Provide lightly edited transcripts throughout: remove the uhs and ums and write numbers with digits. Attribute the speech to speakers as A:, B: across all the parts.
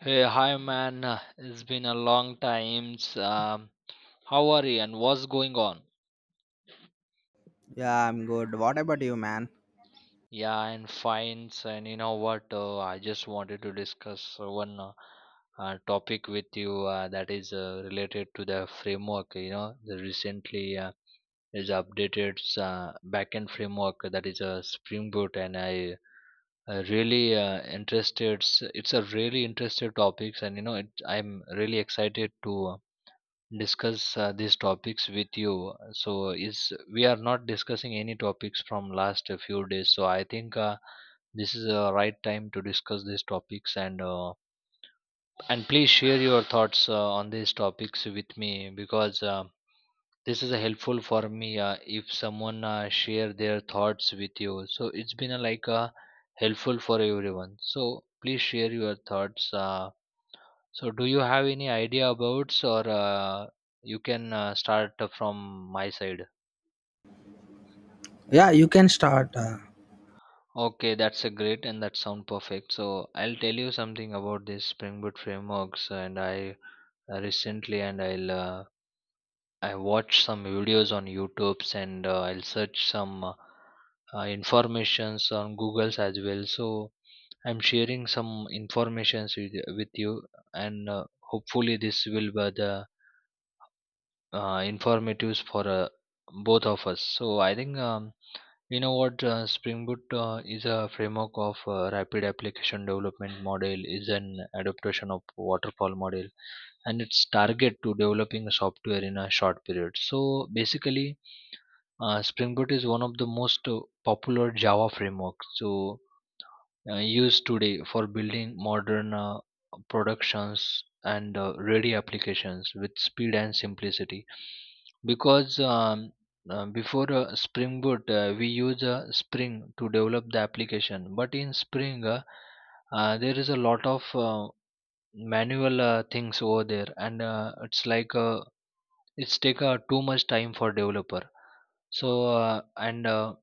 A: Hey, hi man. It's been a long time. How are you and what's going on?
B: Yeah, I'm good. What about you, man?
A: Yeah, I'm fine. And you know what? I just wanted to discuss one topic with you that is related to the framework. You know, the recently is updated backend framework that is a Spring Boot, and I really interested. It's a really interested topics, and you know, I'm really excited to discuss these topics with you. So is we are not discussing any topics from last few days. So I think this is a right time to discuss these topics and please share your thoughts on these topics with me because this is helpful for me if someone share their thoughts with you. So it's been helpful for everyone. So please share your thoughts. Do you have any idea about, or you can start from my side?
B: Yeah, you can start
A: Okay, that's a great and that sound perfect. So, I'll tell you something about this Spring Boot frameworks, and I recently and I'll I watched some videos on YouTube's and I'll search some informations on Google's as well. So, I'm sharing some informations with you, and hopefully this will be the informatives for both of us. So I think you know what, Spring Boot is a framework of rapid application development model, is an adaptation of waterfall model and its target to developing a software in a short period. So basically, Spring Boot is one of the most popular Java frameworks. So used today for building modern productions and ready applications with speed and simplicity. Because before Spring Boot, we use Spring to develop the application, but in Spring, there is a lot of manual things over there, and it's like a it's take too much time for developer so and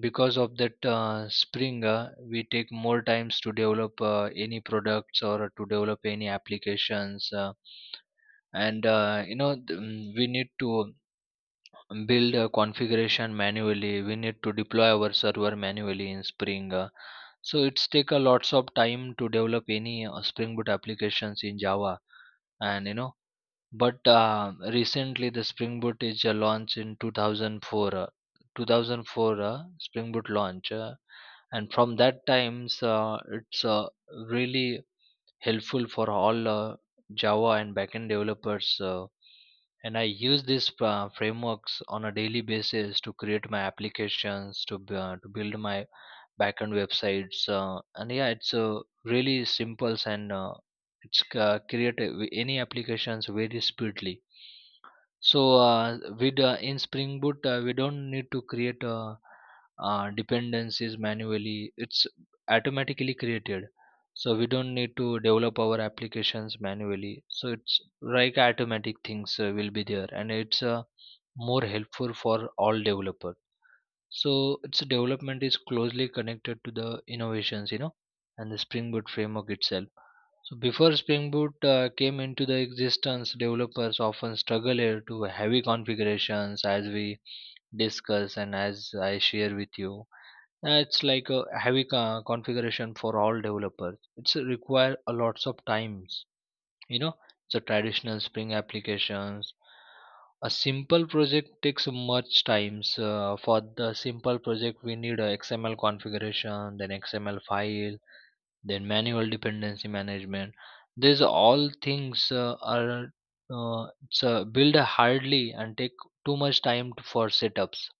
A: because of that spring, we take more times to develop any products or to develop any applications and you know, we need to build a configuration manually, we need to deploy our server manually in spring. So it's take a lots of time to develop any spring boot applications in java. And you know, but recently, the Springboot is launched in 2004. 2004 Springboot launch, and from that times, it's really helpful for all Java and backend developers. And I use these frameworks on a daily basis to create my applications, to build my backend websites, and yeah, it's really simple and it's create any applications very speedily. So with in Spring Boot, we don't need to create dependencies manually. It's automatically created. So we don't need to develop our applications manually. So it's like automatic things will be there, and it's more helpful for all developers. So its development is closely connected to the innovations, you know, and the Spring Boot framework itself. So before Spring Boot came into the existence, developers often struggled to heavy configurations as we discuss and as I share with you. It's like a heavy configuration for all developers. It's require a lots of times. You know, the traditional Spring applications. A simple project takes much times. For the simple project, we need a XML configuration, then XML file, then manual dependency management. These all things build hardly and take too much time for setups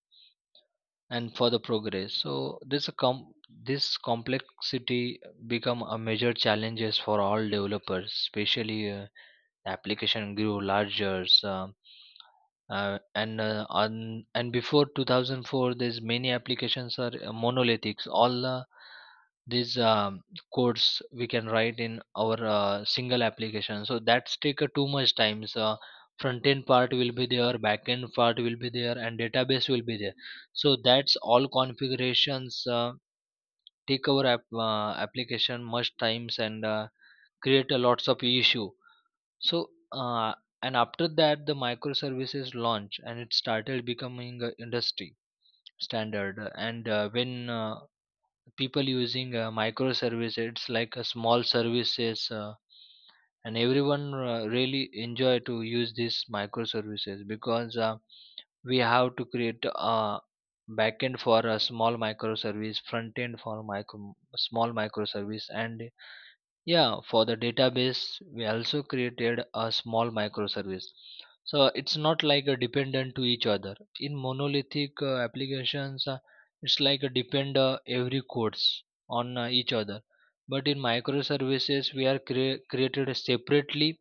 A: and for the progress. So this a com- this complexity become a major challenges for all developers, especially the application grew larger. So, and on and before 2004, there's many applications are monolithic. All these codes we can write in our single application, so that's take too much time. So front end part will be there, back end part will be there, and database will be there. So that's all configurations take our application much times and create a lots of issue. So and after that the microservices launch and it started becoming a industry standard. And When people using microservices, it's like a small services, and everyone really enjoy to use these microservices, because we have to create a backend for a small microservice, front end for micro small microservice, and yeah, for the database, we also created a small microservice. So it's not like a dependent to each other. In monolithic applications, it's like a depend every codes on each other. But in microservices, we are created separately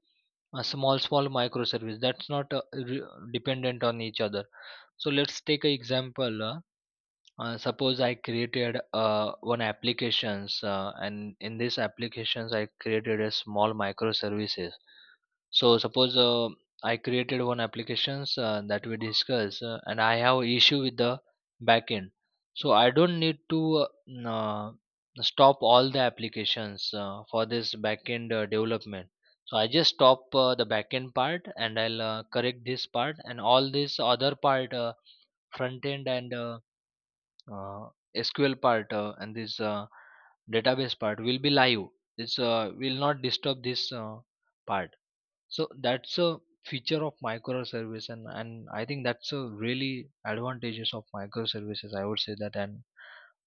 A: a small small microservice that's not dependent on each other. So let's take an example. Suppose I created one applications, and in this applications I created a small microservices. So suppose I created one applications that we discuss, and I have issue with the backend. So I don't need to n- uh, stop all the applications for this backend development. So I just stop the backend part and I'll correct this part, and all this other part, front end and uh, SQL part and this database part will be live. This will not disturb this part. So that's a feature of microservice, and I think that's a really advantages of microservices, I would say that. And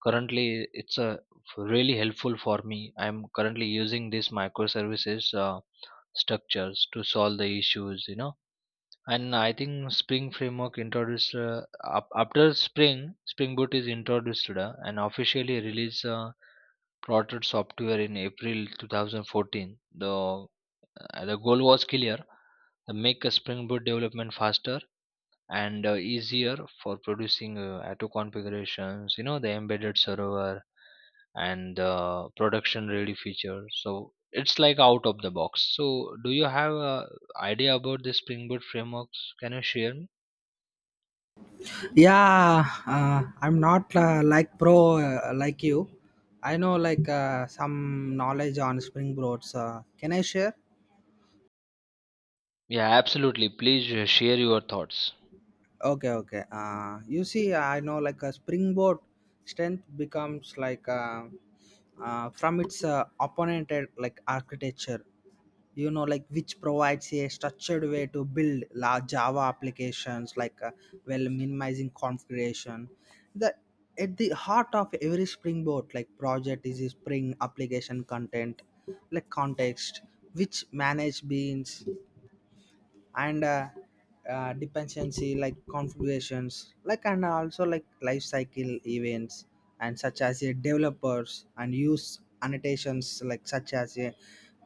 A: currently it's a really helpful for me. I'm currently using these microservices structures to solve the issues. You know, and I think spring framework introduced, up, after spring spring boot is introduced and officially released plotted software in april 2014. The the goal was clear, to make a spring boot development faster and easier, for producing auto configurations, you know, the embedded server and the production ready feature. So it's like out of the box. So do you have a idea about the spring boot frameworks? Can you share me?
B: yeah, I'm not, like, pro like you. I know, like, some knowledge on spring boards. Can I share?
A: Yeah, absolutely, please share your thoughts.
B: Okay, okay. You see, I know like a springboard strength becomes like from its opponent, like architecture, you know, like which provides a structured way to build large Java applications, like well, minimizing configuration. The At the heart of every springboard like project is a spring application content, like context, which manage beans and dependency like configurations, like, and also like life cycle events and such as a developers and use annotations like such as a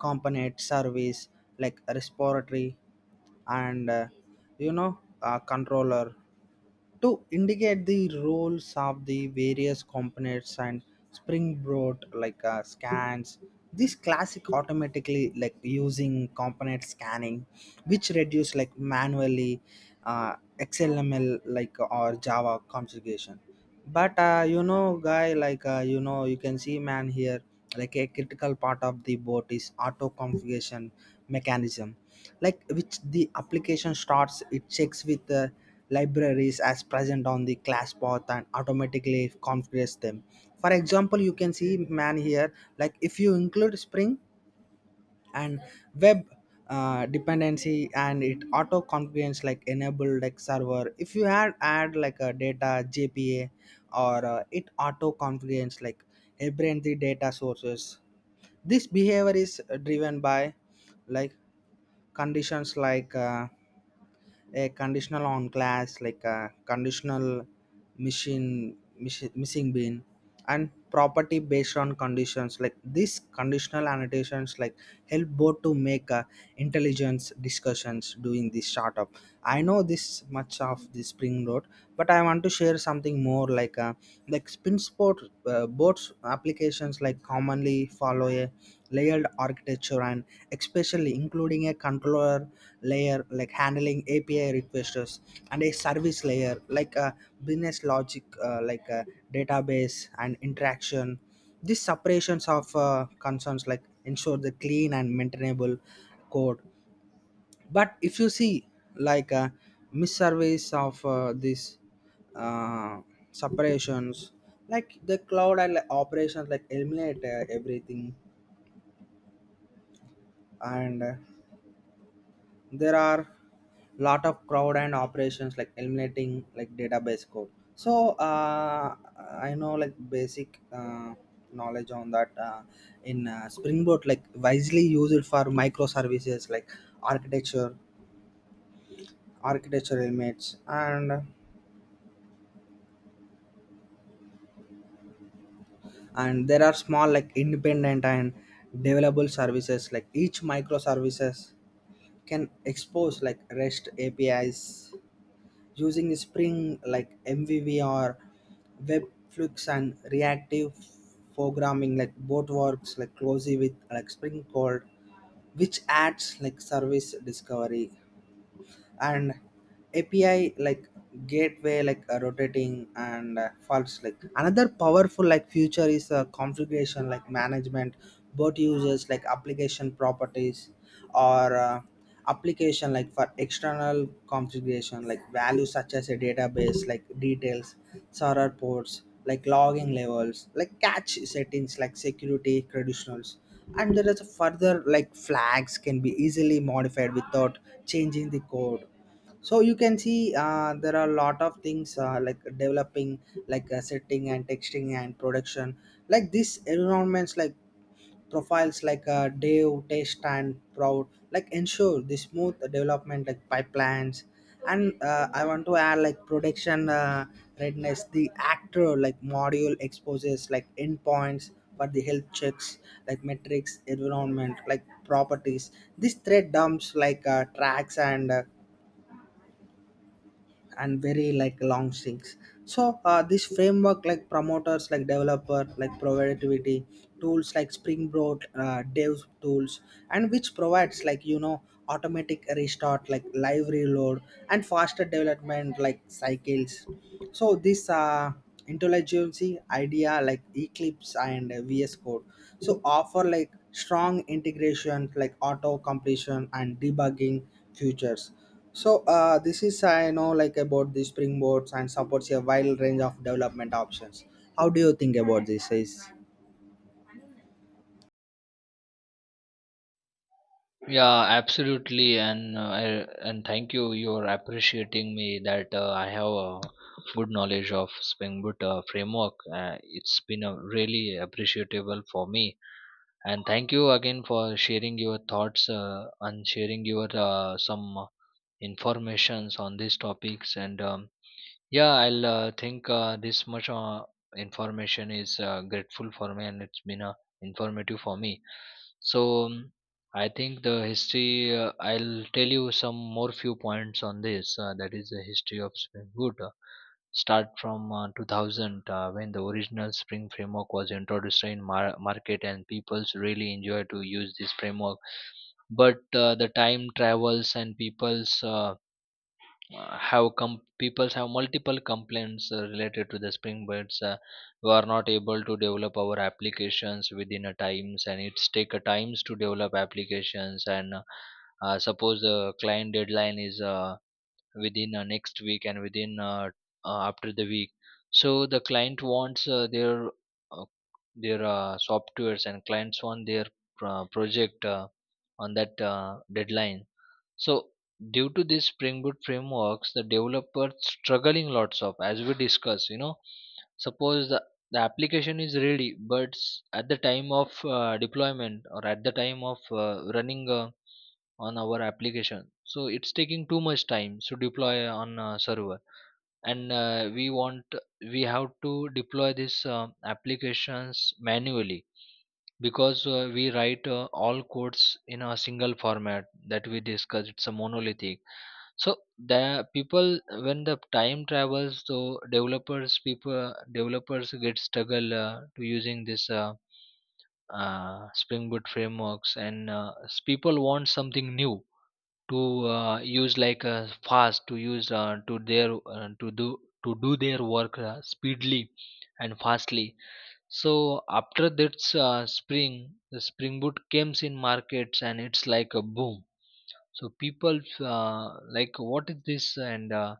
B: component service, like respiratory, and you know, a controller to indicate the roles of the various components. And springboard like scans this classic automatically, like using component scanning, which reduce like manually XML like or Java configuration. But you know, guy, like, you know, you can see, man, here, like a critical part of the boat is auto configuration mechanism, like which the application starts, it checks with the libraries as present on the class path and automatically configures them. For example, you can see, man, here, like if you include spring and web dependency, and it auto configures like enable like server. If you had add like a data JPA, or it auto configures like every data sources. This behavior is driven by like conditions like a conditional on class, like a conditional machine missing bin and property based on conditions, like these conditional annotations like help both to make intelligence discussions during this startup. I know this much of the spring road, but I want to share something more, like like spin sport boards applications like commonly follow a layered architecture, and especially including a controller layer, like handling API requests, and a service layer, like a business logic, like a database and interaction. These separations of concerns like ensure the clean and maintainable code. But if you see like a misservice of these uh, separations, like the cloud and, like, operations like eliminate everything. And there are lot of crowd and operations like eliminating like database code. So I know like basic knowledge on that, in springboard, like wisely use it for microservices like architecture, architecture elements. And there are small like independent and developable services, like each microservices can expose like rest APIs using Spring like MVV or Webflux and reactive programming, like both works like closely with like Spring Code, which adds like service discovery and API like gateway, like rotating and false. Like another powerful like feature is configuration like management. Both users like application properties or application like for external configuration like values such as a database like details, server ports, like logging levels, like cache settings, like security credentials. And there is a further like flags can be easily modified without changing the code. So you can see there are a lot of things like developing, like setting and texting and production, like this environments, like profiles, like Dave, test, and Proud, like ensure the smooth development like pipelines. And I want to add like production readiness. The actor like module exposes like endpoints for the health checks, like metrics, environment like properties, this thread dumps, like tracks and very like long sinks. So this framework like promoters like developer like productivity tools like springboard dev tools, and which provides like, you know, automatic restart, like live reload and faster development like cycles. So this intelligence idea like eclipse and VS Code so offer like strong integration, like auto completion and debugging features. So this is I know like about the springboards and supports a wide range of development options. How do you think about this? Is
A: Yeah, absolutely, and and thank you, you're appreciating me that I have a good knowledge of spring boot framework. It's been a really appreciable for me. And thank you again for sharing your thoughts and sharing your some informations on these topics. And yeah, I'll think this much information is grateful for me, and it's been informative for me. So I think the history, I'll tell you some more few points on this. That is the history of Spring Boot. Start from 2000, when the original Spring framework was introduced in market and people's really enjoy to use this framework. But the time travels and people have multiple complaints related to the spring birds. We are not able to develop our applications within a times and it's take a times to develop applications. And Suppose the client deadline is within next week and within after the week, so the client wants uh, their softwares, and clients want their project on that deadline. So due to these Spring Boot frameworks, the developer struggling lots of, as we discuss. You know, suppose the, the application is ready, but at the time of deployment or at the time of running on our application, so it's taking too much time to deploy on a server, and we have to deploy these applications manually, because we write all codes in a single format that we discussed, it's a monolithic. So the people when the time travels, so developers get struggle to using this spring boot frameworks. And people want something new to use, like fast to use to do their work speedily and fastly. So after that the spring boot came in markets and it's like a boom. So people like, what is this? And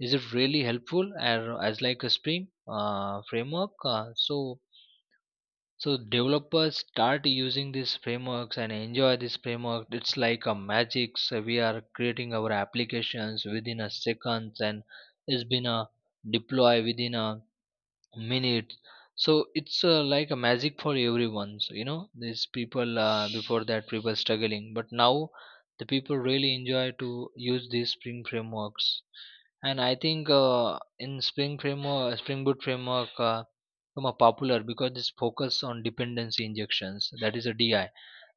A: is it really helpful or as like a spring framework? So developers start using these frameworks and enjoy this framework. It's like a magic. So we are creating our applications within a seconds, and it's been a deploy within a minutes. So it's like a magic for everyone. So these people before that people struggling, but now the people really enjoy to use these spring frameworks. And I think in spring framework, spring boot framework, become a popular because this focus on dependency injections, that is a DI,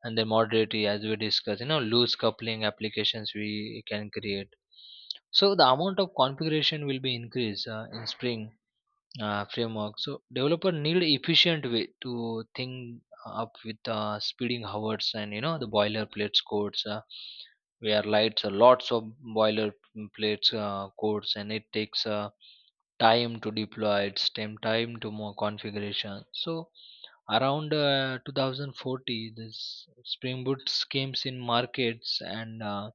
A: and then modularity, as we discussed, you know, loose coupling applications we can create. So the amount of configuration will be increased in spring framework. So developer need efficient way to think up with speeding hours, and you know the boilerplate codes, where lights lots of boilerplates codes, and it takes time to deploy. It's time to more configuration. So around 2040 this spring boot came in markets, and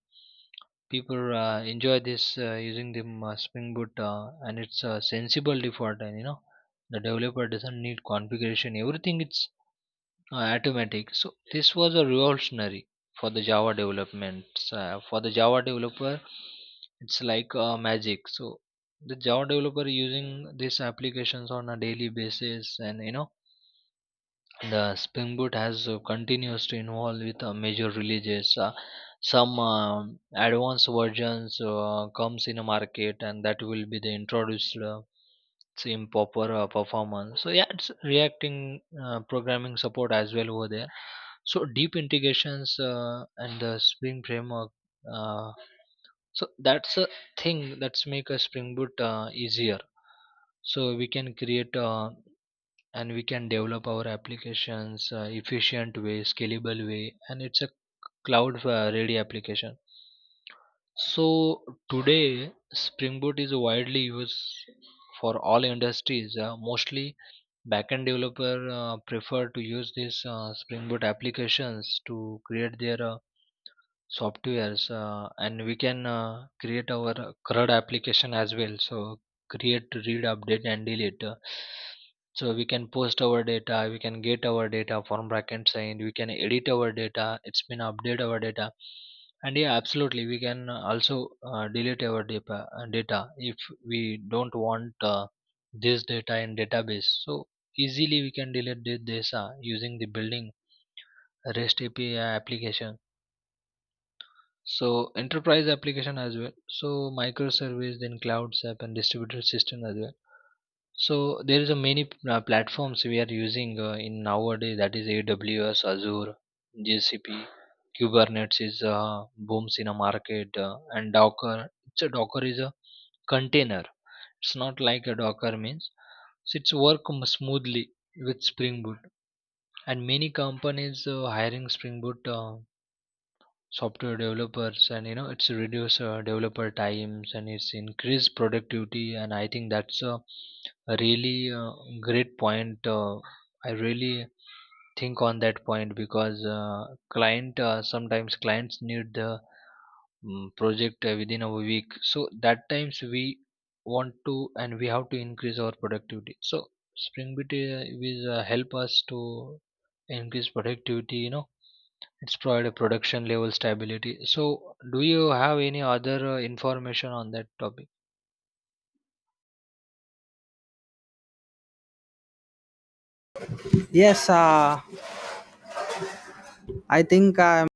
A: people enjoy this using the Spring Boot, and it's a sensible default, and you know the developer doesn't need configuration. Everything it's automatic. So this was a revolutionary for the Java development. For the Java developer, it's like magic. So the Java developer using these applications on a daily basis, and you know the Spring Boot has continues to involve with major releases. Some advanced versions comes in a market, and that will be the introduced same proper performance. So yeah, it's reacting programming support as well over there. So deep integrations and the Spring framework. Uh, so that's a thing that's make a Spring Boot easier. So we can create. And we can develop our applications efficient way, scalable way, and it's a cloud ready application. So today spring boot is widely used for all industries, mostly backend developer prefer to use these spring boot applications to create their softwares, and we can create our CRUD application as well. So create, read, update, and delete. So we can post our data, we can get our data from backend side, we can edit our data. It's been update our data, and yeah, absolutely, we can also delete our data, data if we don't want this data in database. So easily we can delete this using the building REST API application, so enterprise application as well. So microservice, then clouds app and distributed system as well. So there is a many platforms we are using in nowadays, that is AWS, Azure, GCP, Kubernetes is booms in a market, and Docker. It's a Docker is a container. It's not like a Docker means, so it's work smoothly with Spring Boot, and many companies hiring Spring Boot. Software developers, and you know it's reduce developer times, and it's increase productivity. And I think that's a really great point. I really think on that point because client, sometimes clients need the project within a week. So that times we want to, and we have to increase our productivity. So spring Boot will help us to increase productivity, you know. It's provide a production level stability. So do you have any other information on that topic?
B: yes, I think I'm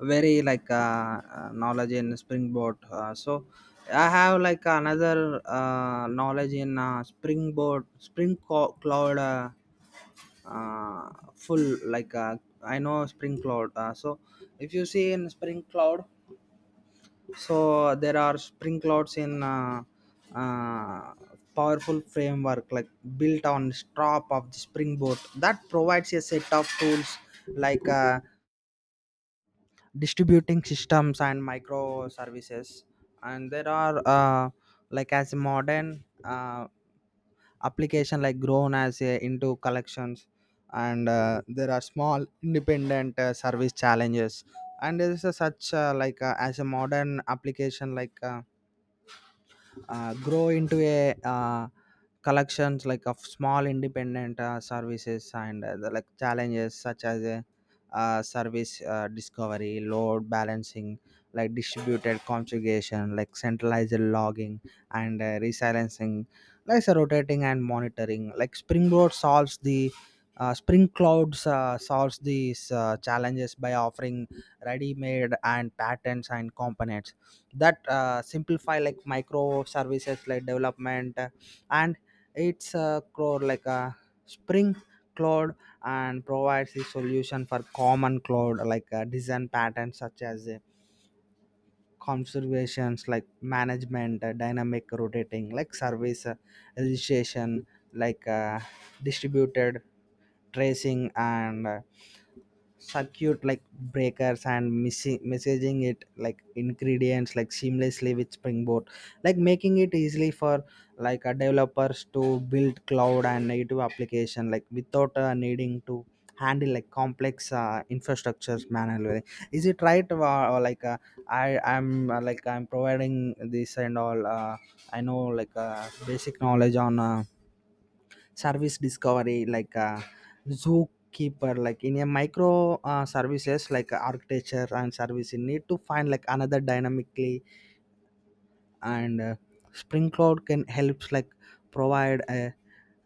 B: very like knowledge in springboard. So I have like another knowledge in springboard, spring cloud, full like. I know spring cloud. So if you see in spring cloud. So there are spring clouds in uh, powerful framework like built on top of the springboard that provides a set of tools like distributing systems and microservices. And there are like as modern application like grown as a, into collections. And there are small independent service challenges. And there is a such like as a modern application like grow into a collections like of small independent services. And the, like challenges such as a service discovery, load balancing, like distributed configuration, like centralized logging, and resilencing, like so rotating and monitoring, like springboard solves the spring clouds solves these challenges by offering ready-made and patents and components that simplify like microservices like development. And it's core like a spring cloud and provides the solution for common cloud like design patterns such as conservations like management, dynamic rotating, like service registration, like distributed tracing, and circuit like breakers and missing messaging it like ingredients like seamlessly with springboard, like making it easily for like a developers to build cloud and native application like without needing to handle like complex infrastructures manually. Is it right or i i'm like I'm providing this and all. I know like basic knowledge on service discovery like zookeeper like in a micro services like architecture, and service, you need to find like another dynamically. And spring cloud can helps like provide a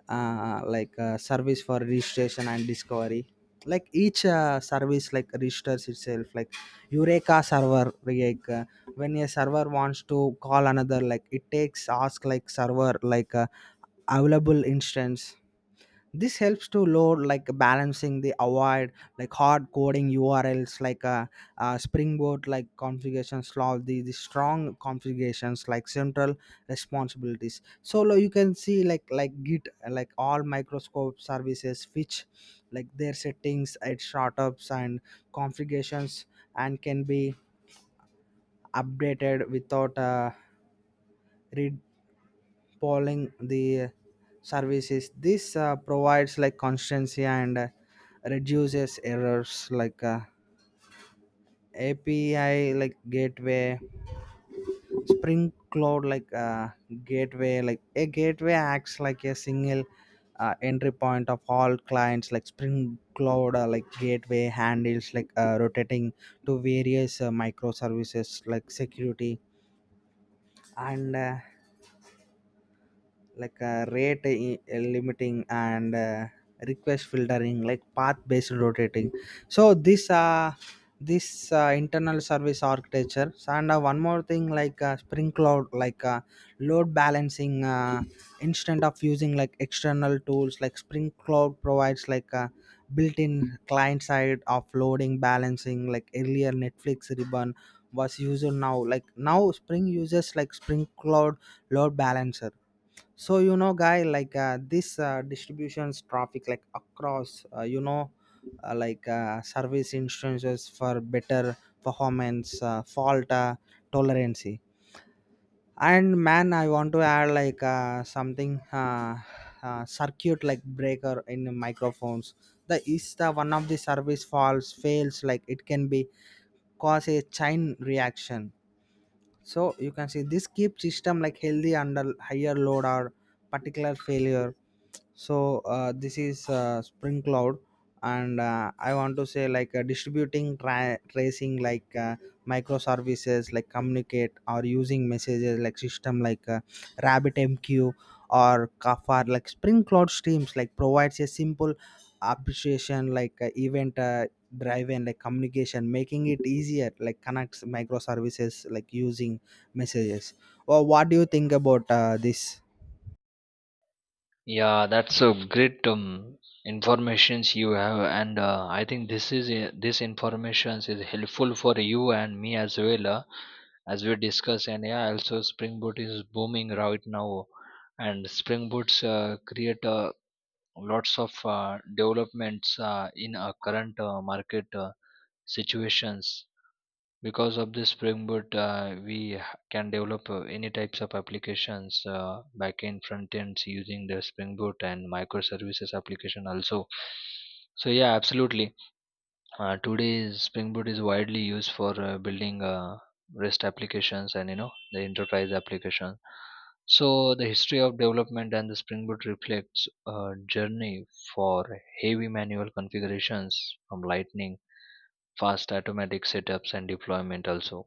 B: like a service for registration and discovery, like each service like registers itself like eureka server, like when a server wants to call another, like it takes ask like server like available instance. This helps to load like balancing the avoid like hard coding URLs like springboard like configuration slot the strong configurations like central responsibilities. So you can see like git like all microscope services which like their settings at startups and configurations and can be updated without read polling the services. This provides like constancy and reduces errors, like API like gateway, spring cloud like gateway, like a gateway acts like a single entry point of all clients, like spring cloud like gateway handles like rotating to various microservices, like security and like rate limiting and request filtering, like path based rotating. So this internal service architecture. And one more thing, like spring cloud like load balancing, instead of using like external tools, like spring cloud provides like a built-in client side of loading balancing, like earlier netflix ribbon was used. Now now spring uses like spring cloud load balancer. So you know, guy, like this distributions traffic like across you know, like service instances for better performance, fault tolerance. And, man, I want to add like something circuit like breaker in microphones, the is the one of the service falls fails, like it can be cause a chain reaction. So you can see this keeps system like healthy under higher load or particular failure. So this is spring cloud. And I want to say like distributing tracing like microservices like communicate or using messages like system like RabbitMQ or Kafka, like spring cloud streams like provides a simple appreciation like event drive and like communication, making it easier like connects microservices like using messages. Well, what do you think about this?
A: Yeah, that's a great informations you have, and I think this informations is helpful for you and me as well, as we discuss. And yeah, also spring boot is booming right now, and spring boots create lots of developments in our current market situations. Because of this springboard, can develop any types of applications, backend front ends using the Spring Boot, and microservices application also. So yeah, absolutely, today Spring Boot is widely used for building rest applications, and you know the enterprise application. So the history of development and the Spring Boot reflects a journey for heavy manual configurations from lightning fast automatic setups and deployment also.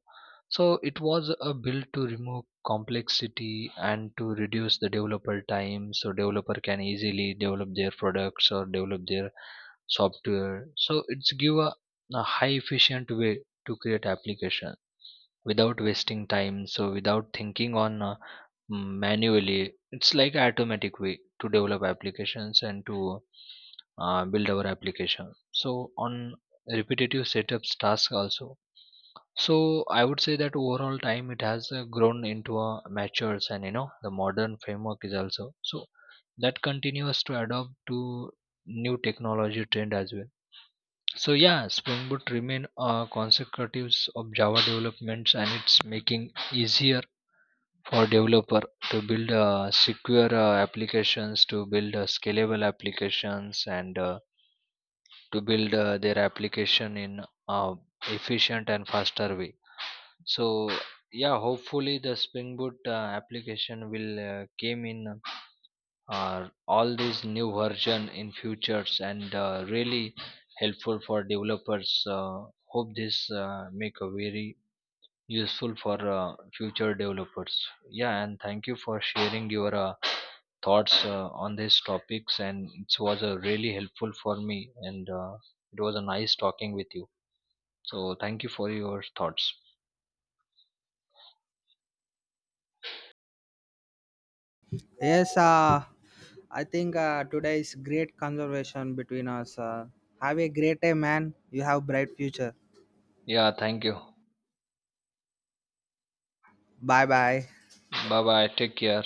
A: So it was a build to remove complexity and to reduce the developer time, so developer can easily develop their products or develop their software. So it's give a high efficient way to create application without wasting time, so without thinking on manually. It's like automatic way to develop applications and to build our application, so on repetitive setups task also. So I would say that overall time it has grown into a matures, and you know the modern framework is also. So that continues to adopt to new technology trend as well. So yeah, spring boot remain consequentives of java developments, and it's making easier for developer to build secure applications, to build scalable applications, and to build their application in uh, efficient and faster way. So yeah, hopefully the spring boot application will came in all these new version in futures, and really helpful for developers. uh, Hope this make a very useful for future developers. Yeah, and thank you for sharing your thoughts on these topics, and it was really helpful for me. And it was a nice talking with you. So thank you for your thoughts.
B: Yes, I think today is great conversation between us. Have a great day, man. You have bright future.
A: Yeah, thank you.
B: Bye bye.
A: Bye bye. Take care.